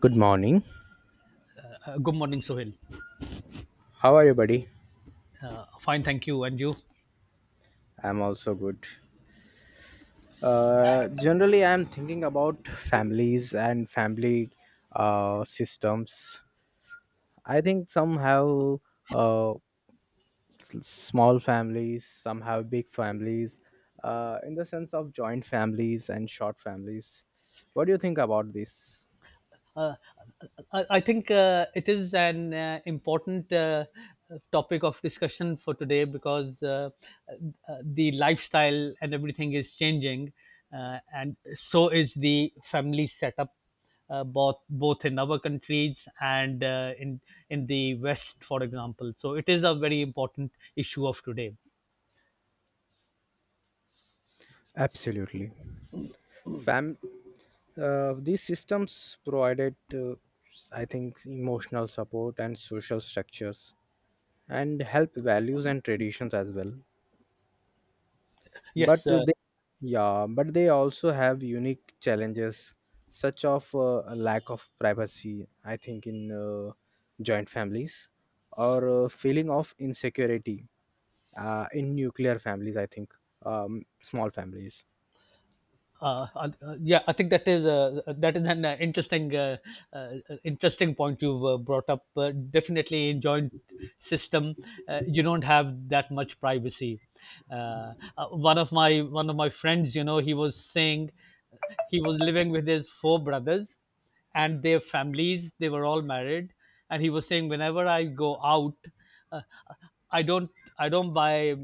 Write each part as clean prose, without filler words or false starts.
Good morning. Good morning, Sohail. How are you, buddy? Fine, thank you. And you? I'm also good. Generally, I'm thinking about families and family systems. I think some have uh, small families, some have big families, in the sense of joint families and short families. What do you think about this? Uh, I think it is an important topic of discussion for today because the lifestyle and everything is changing, and so is the family setup, both in our countries and in in the West, for example. So it is a very important issue of today. Absolutely. Fam- these systems provided, I think, emotional support and social structures and help values and traditions as well, but Yes, uh, they yeah but they also have unique challenges such of a lack of privacy, I think, in joint families, or feeling of insecurity in nuclear families, I think, um, small families. uh, uh, uh, yeah, I think that is an interesting uh, interesting point you've brought up. Definitely, in joint system, you don't have that much privacy. One of my friends, you know, he was saying he was living with his four brothers and their families. They were all married, and he was saying, whenever I go out, uh, I don't buy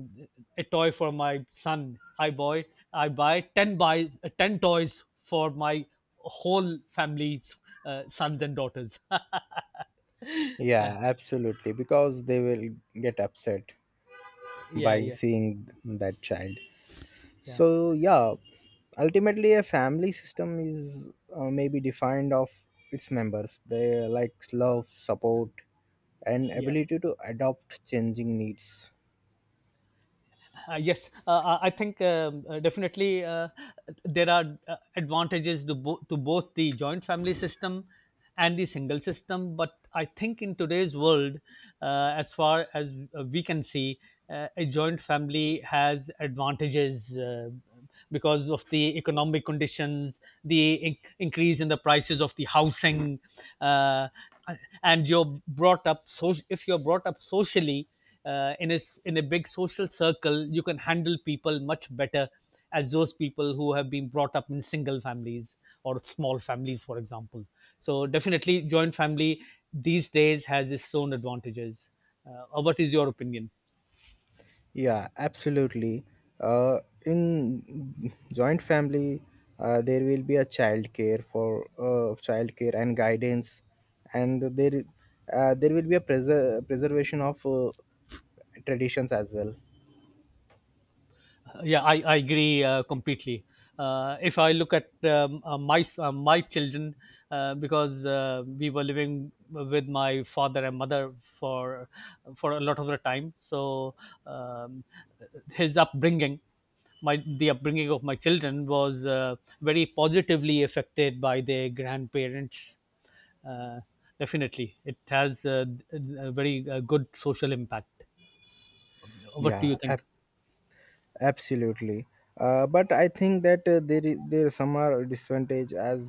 a toy for my son. I buy ten toys for my whole family's sons and daughters. Yeah, absolutely, because they will get upset yeah, by yeah, seeing that child. yeah, So, yeah, ultimately a family system is maybe defined of its members, they like love, support, and yeah. ability to adopt changing needs. Yes, I think definitely there are advantages to both the joint family system and the single system. But I think in today's world, as far as we can see, a joint family has advantages because of the economic conditions, the increase in the prices of the housing, uh, and you're brought up, so if you're brought up socially uh, in a in a big social circle, you can handle people much better as those people who have been brought up in single families or small families, for example. So definitely joint family these days has its own advantages. What is your opinion? Yeah, absolutely. uh, in joint family, there will be a child care for child care and guidance, and there there will be a preservation of traditions as well. Yeah, I agree completely. If I look at my children, because we were living with my father and mother for for a lot of the time, so um, his upbringing, my the upbringing of my children was very positively affected by their grandparents. Uh, definitely, it has a very good social impact. What do yeah you think? ab- Absolutely, but I think that there is there some are disadvantage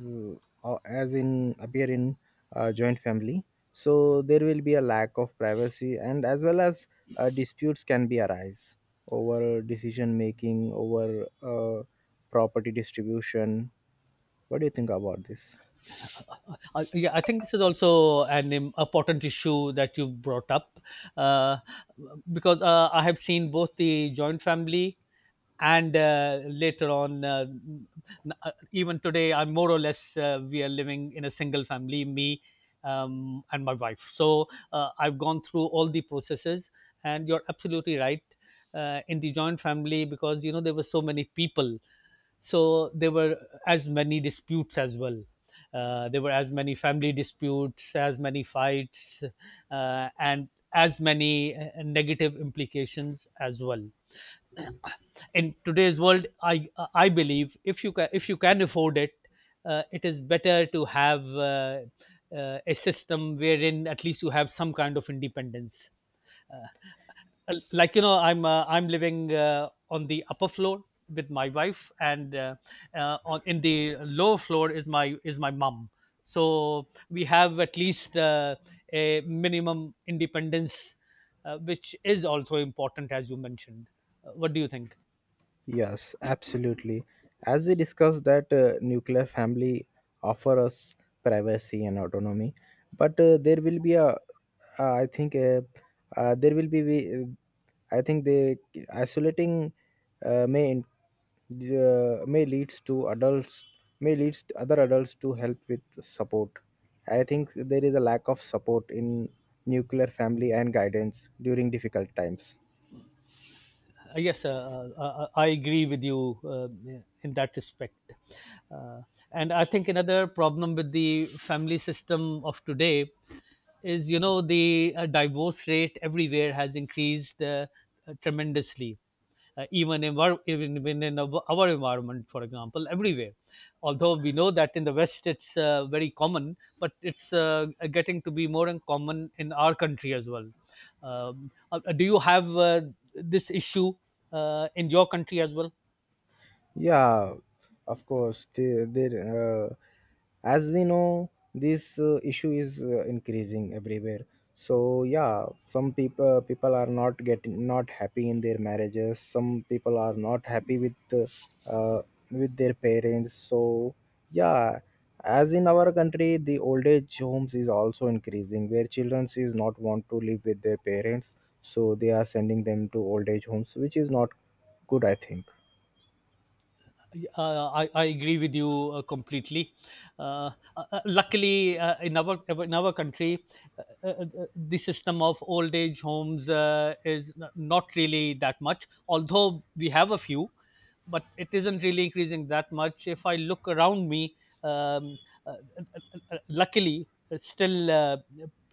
as in appear in joint family. So there will be a lack of privacy, and as well as disputes can be arise over decision making, over property distribution. What do you think about this? Yeah, I think this is also an important issue that you brought up uh, because I have seen both the joint family and even today, I'm more or less we are living in a single family. Me and my wife. So I've gone through all the processes, and you're absolutely right. In the joint family, because you know there were so many people, so there were as many disputes as well. There were as many family disputes, as many fights, and as many negative implications as well. In today's world, I believe if you can, if you can afford it, it is better to have uh, a system wherein at least you have some kind of independence. uh, like you know, I'm living on the upper floor with my wife, and on in the lower floor is my mom. So we have at least a minimum independence, which is also important, as you mentioned. What do you think? Yes, absolutely. As we discussed that nuclear family offer us privacy and autonomy, but there will be a, I think there will be, I think the isolating uh, may in- may leads to adults, may leads to other adults to help with support. I think there is a lack of support in nuclear family and guidance during difficult times. Yes, I agree with you in that respect. Uh, and I think another problem with the family system of today is, you know, the divorce rate everywhere has increased tremendously, even in our environment, for example, everywhere. Although we know that in the West it's very common, but it's getting to be more and common in our country as well. Do you have this issue in your country as well? Yeah, of course. As we know, this issue is increasing everywhere. So yeah, some people are not getting not happy in their marriages. Some people are not happy uh, with their parents. So yeah, as in our country, the old age homes is also increasing, where children is not want to live with their parents. So they are sending them to old age homes, which is not good, I think. I agree with you completely. Luckily, in our country, uh, uh, the system of old age homes is not really that much. Although we have a few, but it isn't really increasing that much. If I look around me, um, uh, uh, luckily, it's still uh,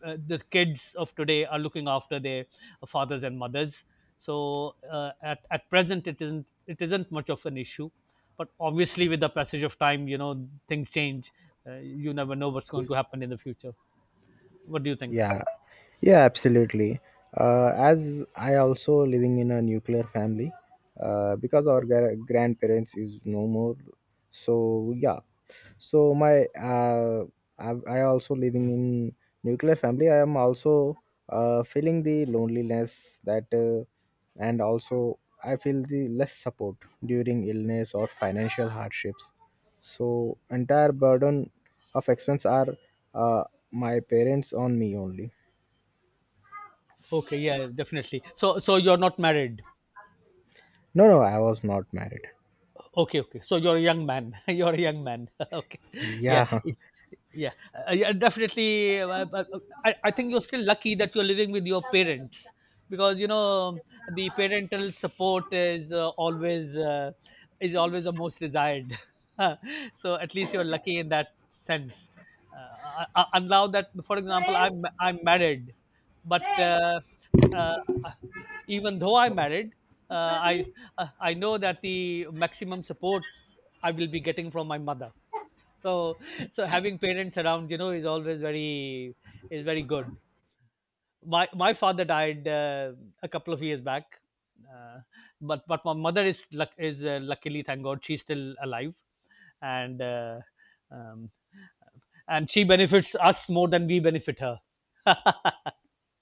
uh, the kids of today are looking after their fathers and mothers. So at present, it isn't, it isn't much of an issue, but obviously with the passage of time, you know, things change. You never know what's going to happen in the future. What do you think? Yeah, yeah, absolutely. As I also living in a nuclear family, because our Okay, grandparents is no more. So yeah, so my I also living in nuclear family. I am also feeling the loneliness that, and also I feel the less support during illness or financial hardships. So entire burden of expense are uh, my parents on me only. okay, yeah, definitely. So so you're not married? No, no, I was not married. Okay, okay, so you're a young man. You're a young man. Okay, yeah. Yeah. Yeah, yeah, definitely. I think you're still lucky that you're living with your parents, because you know, the parental support is always is always the most desired. So at least you're lucky in that sense. And now that, for example, i'm married, but uh, uh, even though I'm married, uh, i I know that the maximum support I will be getting from my mother. So so having parents around, you know, is always very is very good. My father died a couple of years back. uh, but my mother is luckily, thank god, she's still alive. And um, and she benefits us more than we benefit her.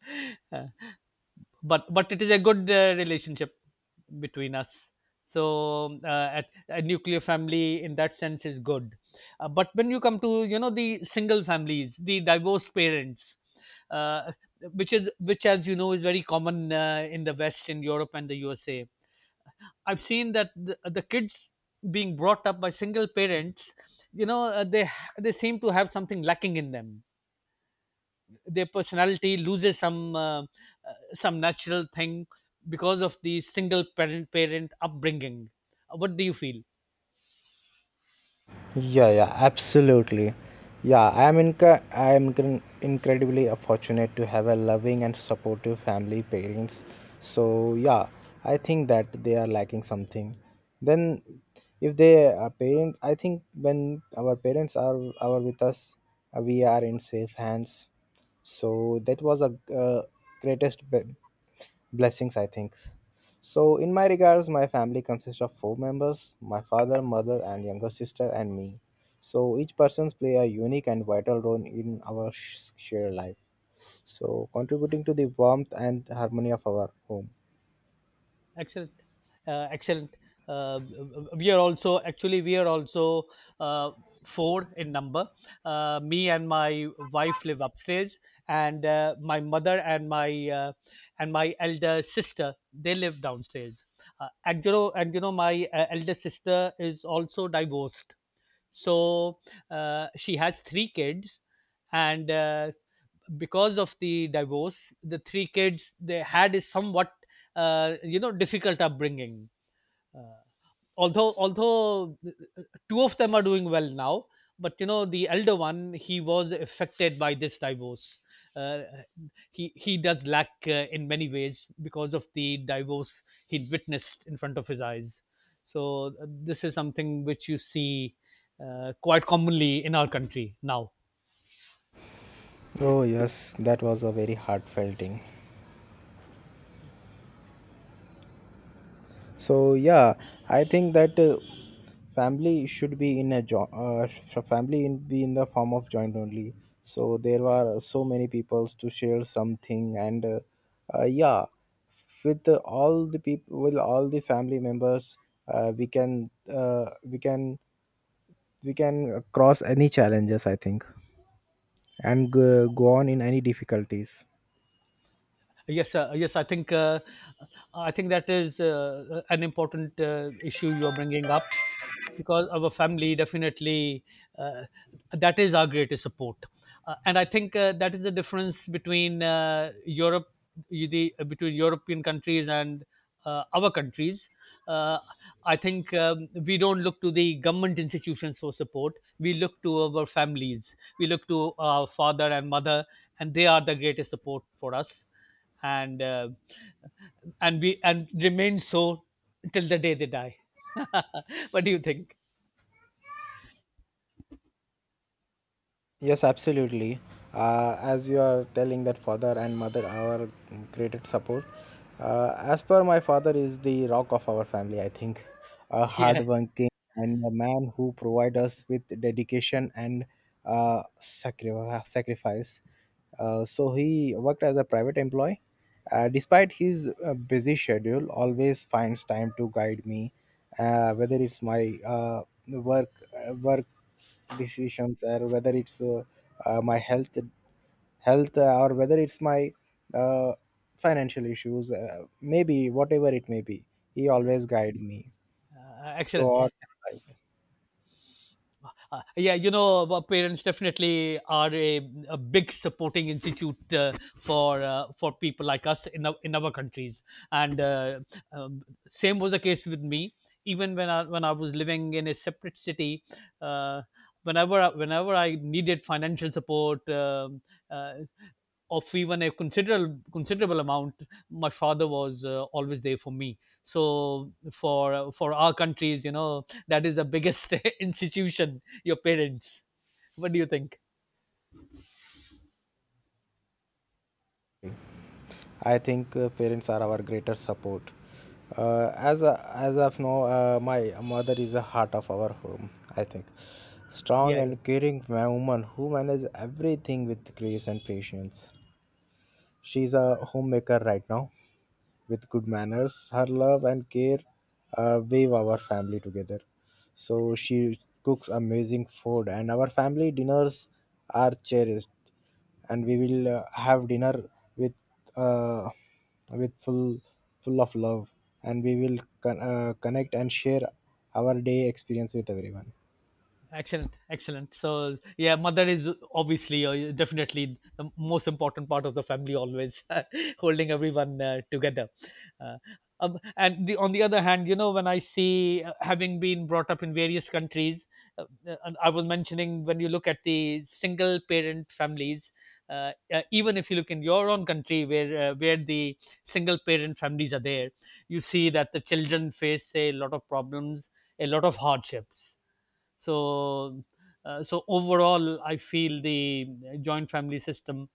But it is a good relationship between us. So a nuclear family in that sense is good. But when you come to, you know, the single families, the divorced parents, uh, which as you know is very common in the west, in europe and the usa, I've seen that the kids being brought up by single parents, you know, they seem to have something lacking in them. Their personality loses some natural thing, because of the single parent upbringing. What do you feel? Yeah, yeah, absolutely. Yeah, I am inc- I am incre- incredibly fortunate to have a loving and supportive family, parents. So yeah, I think that they are lacking something. Then, if they are parents, I think when our parents are with us, we are in safe hands. So that was a uh, greatest blessings, I think. So, in my regards, my family consists of four members: my father, mother, and younger sister, and me. So, each person's play a unique and vital role in our shared life. So, contributing to the warmth and harmony of our home. Excellent, excellent. uh, we are also, actually, we are also uh, four in number. Me and my wife live upstairs, and my mother and my elder sister, they live downstairs. And you know, my elder sister is also divorced. So she has three kids, and because of the divorce, the three kids they had is somewhat you know, difficult upbringing. Although although two of them are doing well now, but you know, the elder one, he was affected by this divorce. Uh, he he does lack in many ways because of the divorce he witnessed in front of his eyes. So this is something which you see quite commonly in our country now. Oh, yes, that was a very heartfelt thing. So, yeah, I think that family should be in a joint family, in be in the form of joint only, so there are so many peoples to share something, and yeah, with the, all the people, with all the family members we can uh, we can we can cross any challenges, I think, and go on in any difficulties. Yes, yes. I think that is an important issue you are bringing up, because our family definitely, uh, that is our greatest support, and I think that is the difference between Europe, the between European countries and our countries. Uh, I think we don't look to the government institutions for support. We look to our families. We look to our father and mother, and they are the greatest support for us, and uh, and we and remain so till the day they die. What do you think? Yes, absolutely. As you are telling that father and mother are created support. As per my father is the rock of our family, I think. A Yeah, hardworking and a man who provide us with dedication and sacrifice. So he worked as a private employee. Despite his busy schedule, always finds time to guide me, whether it's my work, work decisions, or whether it's my health, or whether it's my uh, financial issues, maybe whatever it may be, he always guide me excellent. throughout life. Yeah, you know, our parents definitely are a big supporting institute for people like us in our countries. And um, Same was the case with me. Even when I, when I was living in a separate city, uh, whenever whenever I needed financial support, uh, of even a considerable, considerable amount, my father was always there for me. So for our countries, you know, that is the biggest institution, your parents. What do you think? I think parents are our greater support. As a, as of now, my mother is the heart of our home, I think, Yeah, strong yeah. and caring woman who manages everything with grace and patience. She's a homemaker right now, with good manners. Her love and care wave our family together. So she cooks amazing food, and our family dinners are cherished. And we will have dinner with uh, with full of love, and we will connect and share our day experience with everyone. Excellent, excellent. So yeah, mother is obviously or definitely the most important part of the family. Always holding everyone together. Uh, and on the other hand, you know, when I see, having been brought up in various countries, and I was mentioning, when you look at the single parent families, even if you look in your own country, where the single parent families are there, you see that the children face a lot of problems, a lot of hardships. So, so overall, I feel the joint family system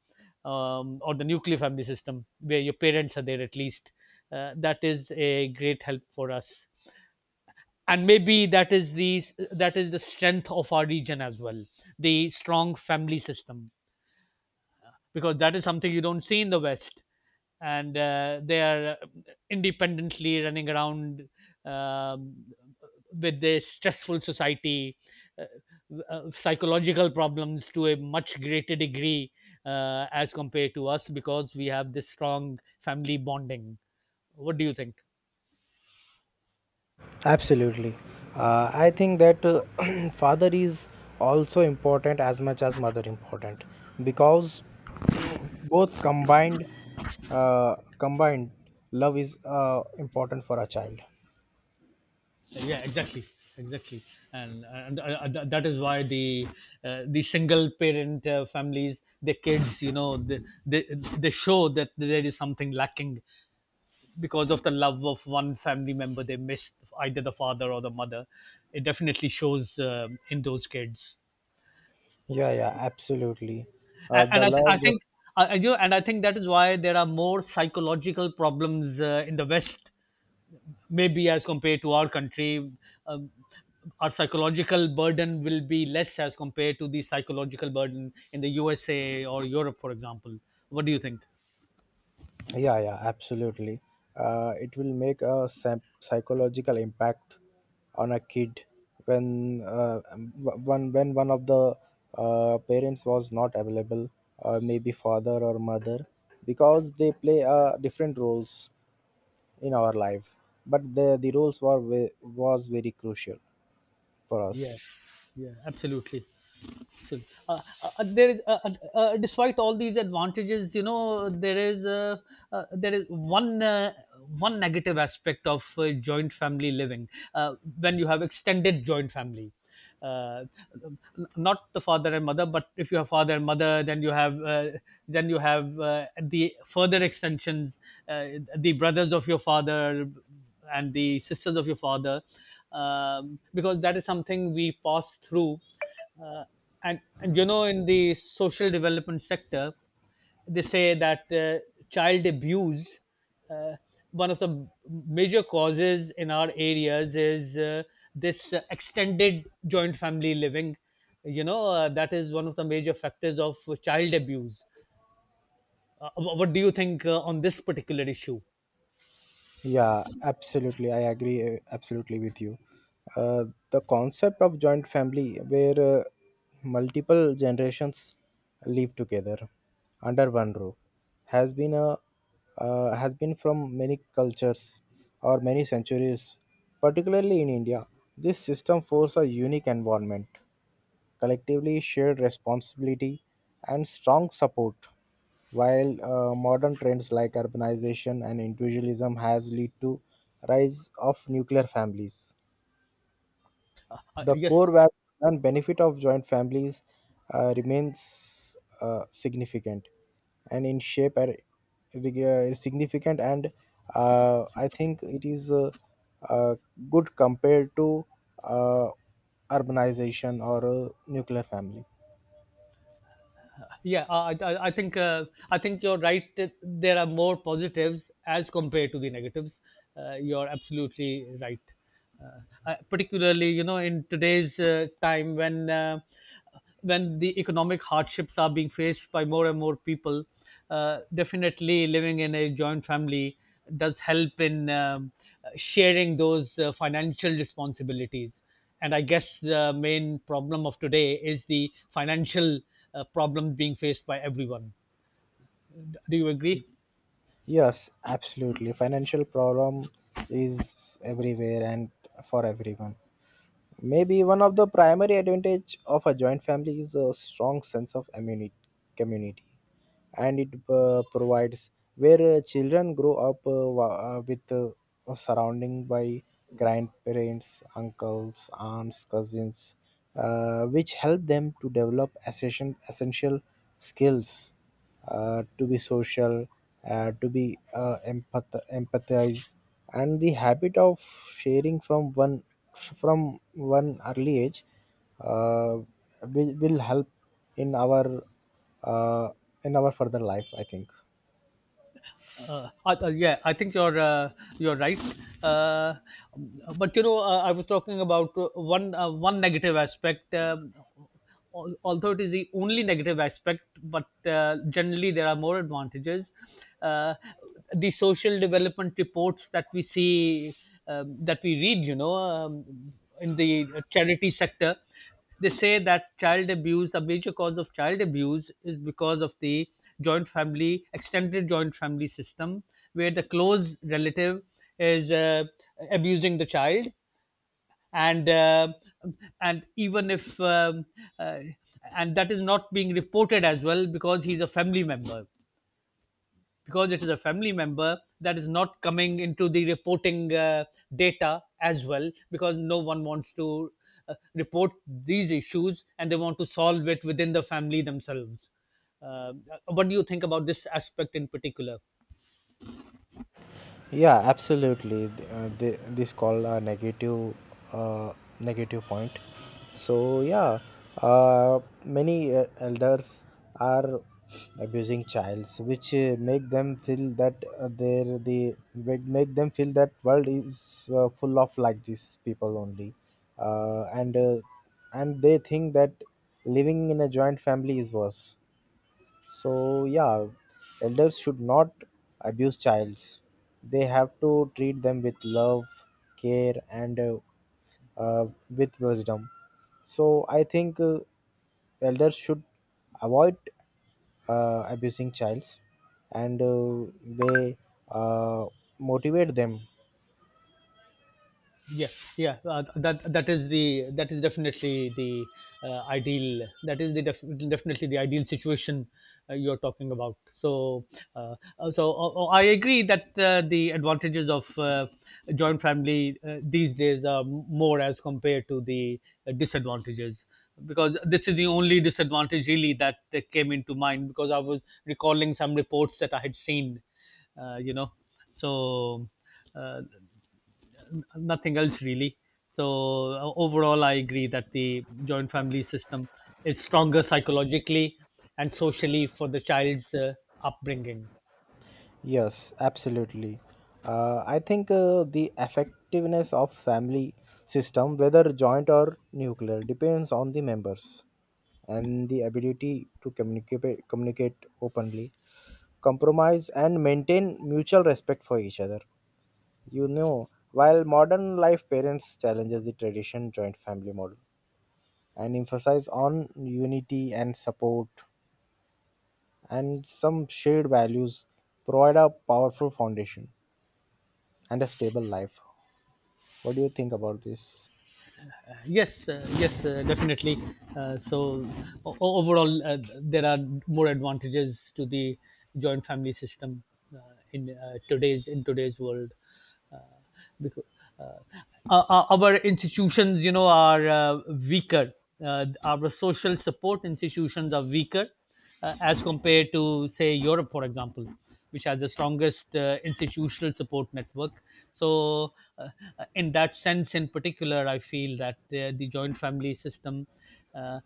or the nuclear family system, where your parents are there at least, that is a great help for us. And maybe that is the, that is the strength of our region as well, the strong family system, because that is something you don't see in the West. And they are independently running around um, with their stressful society, uh, psychological problems to a much greater degree as compared to us because we have this strong family bonding. What do you think? Absolutely. I think that father is also important as much as mother important, because both combined combined love is important for a child. Yeah, exactly, exactly. And that is why the single parent families, their kids, they they show that there is something lacking because of the love of one family member they missed, either the father or the mother. It definitely shows in those kids. Yeah, yeah, absolutely. And The I love, the think, and I think that is why there are more psychological problems in the West, maybe as compared to our country. um, our psychological burden will be less as compared to the psychological burden in the USA or Europe, for example. What do you think? yeah, yeah, absolutely. It will make a psychological impact on a kid when w- one when one of the parents was not available, or maybe father or mother, because they play different roles in our life, but the roles were was very crucial for Yeah, us. yeah, absolutely. Actually, there is, despite all these advantages, you know, there is one one negative aspect of joint family living, uh, when you have extended joint family. Uh, n- Not the father and mother, but if you have father and mother, then you have the further extensions, uh, the brothers of your father and the sisters of your father, because that is something we pass through. Uh, and, and you know, in the social development sector, they say that child abuse, uh, one of the major causes in our areas is this extended joint family living. You know, that is one of the major factors of child abuse. What do you think on this particular issue? Yeah, absolutely. I agree absolutely with you. Uh, the concept of joint family, where multiple generations live together under one roof, has been a has been from many cultures or many centuries, particularly in India. This system forces a unique environment, collectively shared responsibility, and strong support. While modern trends like urbanization and individualism has led to rise of nuclear families, the Yes. core value and benefit of joint families remains significant and in shape are significant, and I think it is uh, good compared to uh, urbanization or a nuclear family. Yeah, I I think you're right. that There are more positives as compared to the negatives. You're absolutely right. Particularly, you know, in today's time when the economic hardships are being faced by more and more people, definitely living in a joint family does help in sharing those financial responsibilities. And I guess the main problem of today is the financial problem being faced by everyone. Do you agree? Yes, absolutely. Financial problem is everywhere, and for everyone. Maybe one of the primary advantage of a joint family is a strong sense of community, and it provides where children grow up with surrounding by grandparents, uncles, aunts, cousins, which help them to develop essential skills to be social, to be empathize, and the habit of sharing from one early age uh, will help in our uh, in our further life, I think. Yeah, I think you're right. Uh, but you know, I was talking about one one negative aspect. Although it is the only negative aspect, but generally there are more advantages. Uh, the social development reports that we see, that we read, you know, in the charity sector. They say that child abuse, a major cause of child abuse is because of the joint family, extended joint family system, where the close relative is abusing the child, and uh, and even if uh, and that is not being reported as well because he's a family member, because it is a family member that is not coming into the reporting data as well, because no one wants to report these issues, and they want to solve it within the family themselves. Uh, what do you think about this aspect in particular? Yeah, absolutely. This called a negative, uh, negative point. So yeah, uh, many elders are abusing childs, which make them feel that they're the make them feel that world is full of like these people only, uh, and uh, and they think that living in a joint family is worse. So yeah, elders should not abuse childs, they have to treat them with love, care, and with wisdom. So I think elders should avoid abusing childs, and they uh, motivate them. Yeah, yeah. That is the, that is definitely the ideal, that is the def- definitely the ideal situation you're talking about. So I agree that the advantages of joint family these days are more as compared to the disadvantages, because this is the only disadvantage really that came into mind, because I was recalling some reports that I had seen, you know. So, uh, nothing else really. So, overall, I agree that the joint family system is stronger psychologically and socially for the child's upbringing. Yes, absolutely. I think the effectiveness of family system, whether joint or nuclear, depends on the members and the ability to communicate openly, compromise, and maintain mutual respect for each other. You know, while modern life parents challenges the tradition joint family model and emphasize on unity and support, and some shared values provide a powerful foundation and a stable life. What do you think about this? Yes, yes, definitely. So overall, there are more advantages to the joint family system uh, in today's, in today's world. Uh, because, uh, our institutions, you know, are weaker, our social support institutions are weaker as compared to, say, Europe, for example, which has the strongest institutional support network. So, uh, in that sense in particular, I feel that the joint family system uh, uh,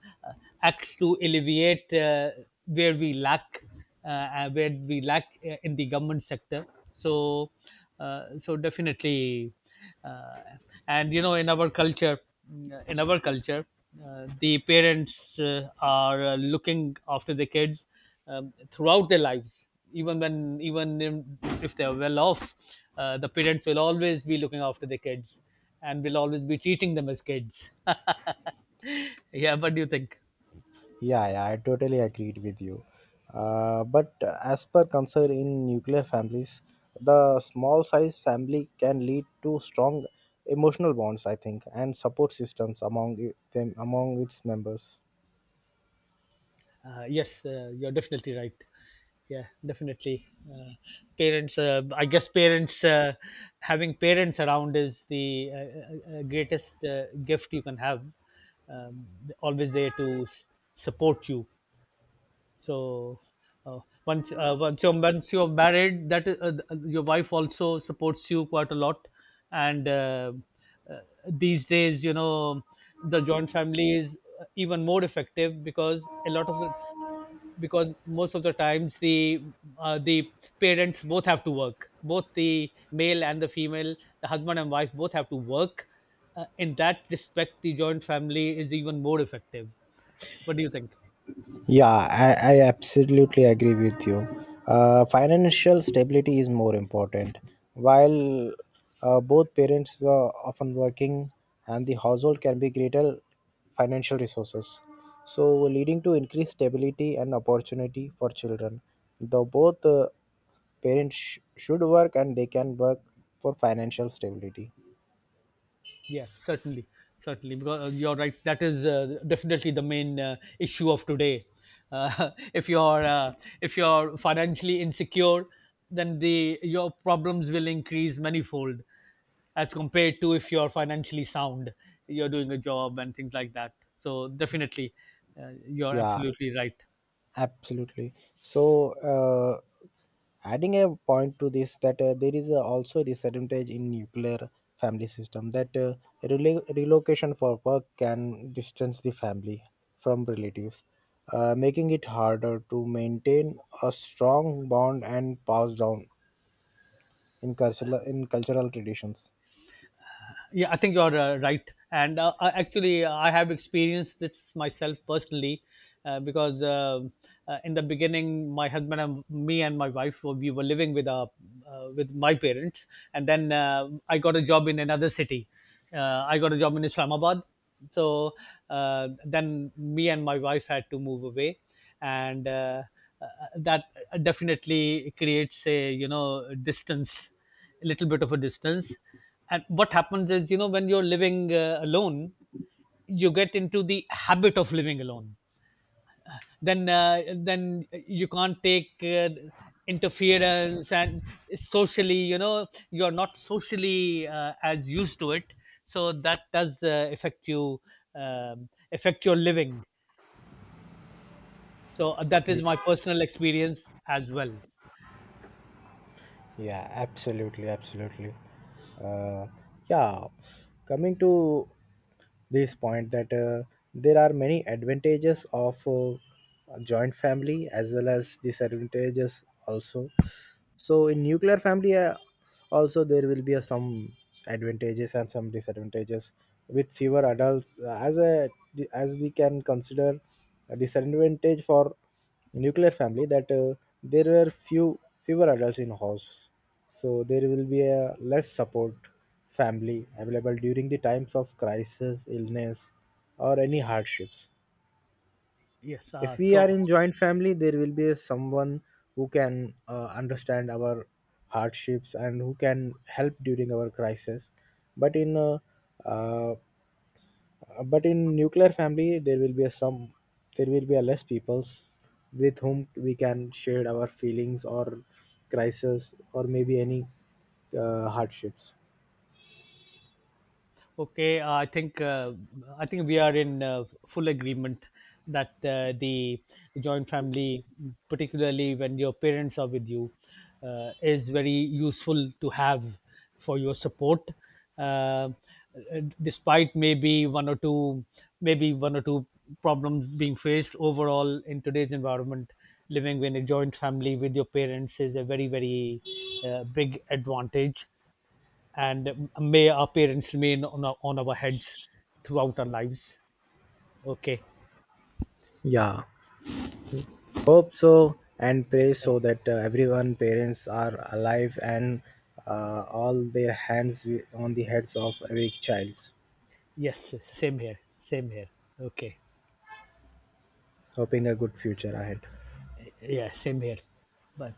acts to alleviate where we lack, where we lack in the government sector. So, so definitely, uh, and you know, in our culture, in our culture, the parents are looking after the kids throughout their lives, even when even in- if they are well off, the parents will always be looking after the kids and will always be treating them as kids yeah, what do you think? Yeah, yeah, I totally agreed with you. But as per concern in nuclear families, the small size family can lead to strong emotional bonds, I think, and support systems among them among its members. Yes, you're definitely right. Yeah, definitely. I guess parents, having parents around is the greatest gift you can have. Um, always there to support you. So, uh, once you're married, that is, your wife also supports you quite a lot. And uh, these days, you know, the joint family is even more effective because a lot of the because most of the times the parents both have to work, both the male and the female, the husband and wife both have to work. Uh, in that respect, the joint family is even more effective. What do you think? Yeah, I absolutely agree with you. Financial stability is more important. While both parents were often working, and the household can be greater financial resources. So, leading to increased stability and opportunity for children. Though both parents should work, and they can work for financial stability. Yeah, certainly, certainly, because you're right. That is definitely the main issue of today. Uh, if you're uh, if you're financially insecure, then the your problems will increase manifold as compared to, if you're financially sound, you're doing a job and things like that. So definitely, you're Yeah, absolutely right. absolutely. So, adding a point to this that there is also a disadvantage in nuclear family system, that relocation for work can distance the family from relatives, making it harder to maintain a strong bond and pass down in cultural traditions. Yeah, I think you're right. And actually, I have experienced this myself personally, because in the beginning, my husband and me and my wife we were living with with my parents, and then I got a job in another city. Uh, I got a job in Islamabad. So, then me and my wife had to move away, and uh, that definitely creates a, you know, distance, a little bit of a distance. And what happens is, you know, when you're living alone, you get into the habit of living alone. Then you can't take interference, and socially, you know, you're not socially as used to it. So that does affect you, affect your living. So, that is my personal experience as well. Yeah, absolutely, absolutely. Uh, yeah, coming to this point that there are many advantages of a joint family, as well as disadvantages also. So in nuclear family, also there will be a some advantages and some disadvantages. With fewer adults, as a as we can consider a disadvantage for nuclear family, that there were few fewer adults in house, so there will be a less support family available during the times of crisis, illness, or any hardships. Yes. If we are so. in joint family, there will be someone who can understand our hardships and who can help during our crisis, but in uh, uh, but in nuclear family, there will be a some, there will be a less peoples with whom we can share our feelings, or crisis, or maybe any hardships. Okay, I think we are in full agreement that the joint family, particularly when your parents are with you, is very useful to have for your support. Uh, despite maybe one or two, maybe one or two problems being faced overall in today's environment, living in a joint family with your parents is a very, very big advantage, and may our parents remain on on our heads throughout our lives. Okay. Yeah. Hope so, and pray Uh. so, that everyone parents are alive, and all their hands on the heads of every child, Yes, same here. Same here. Okay. hoping a good future ahead. Yeah, same here. Bye.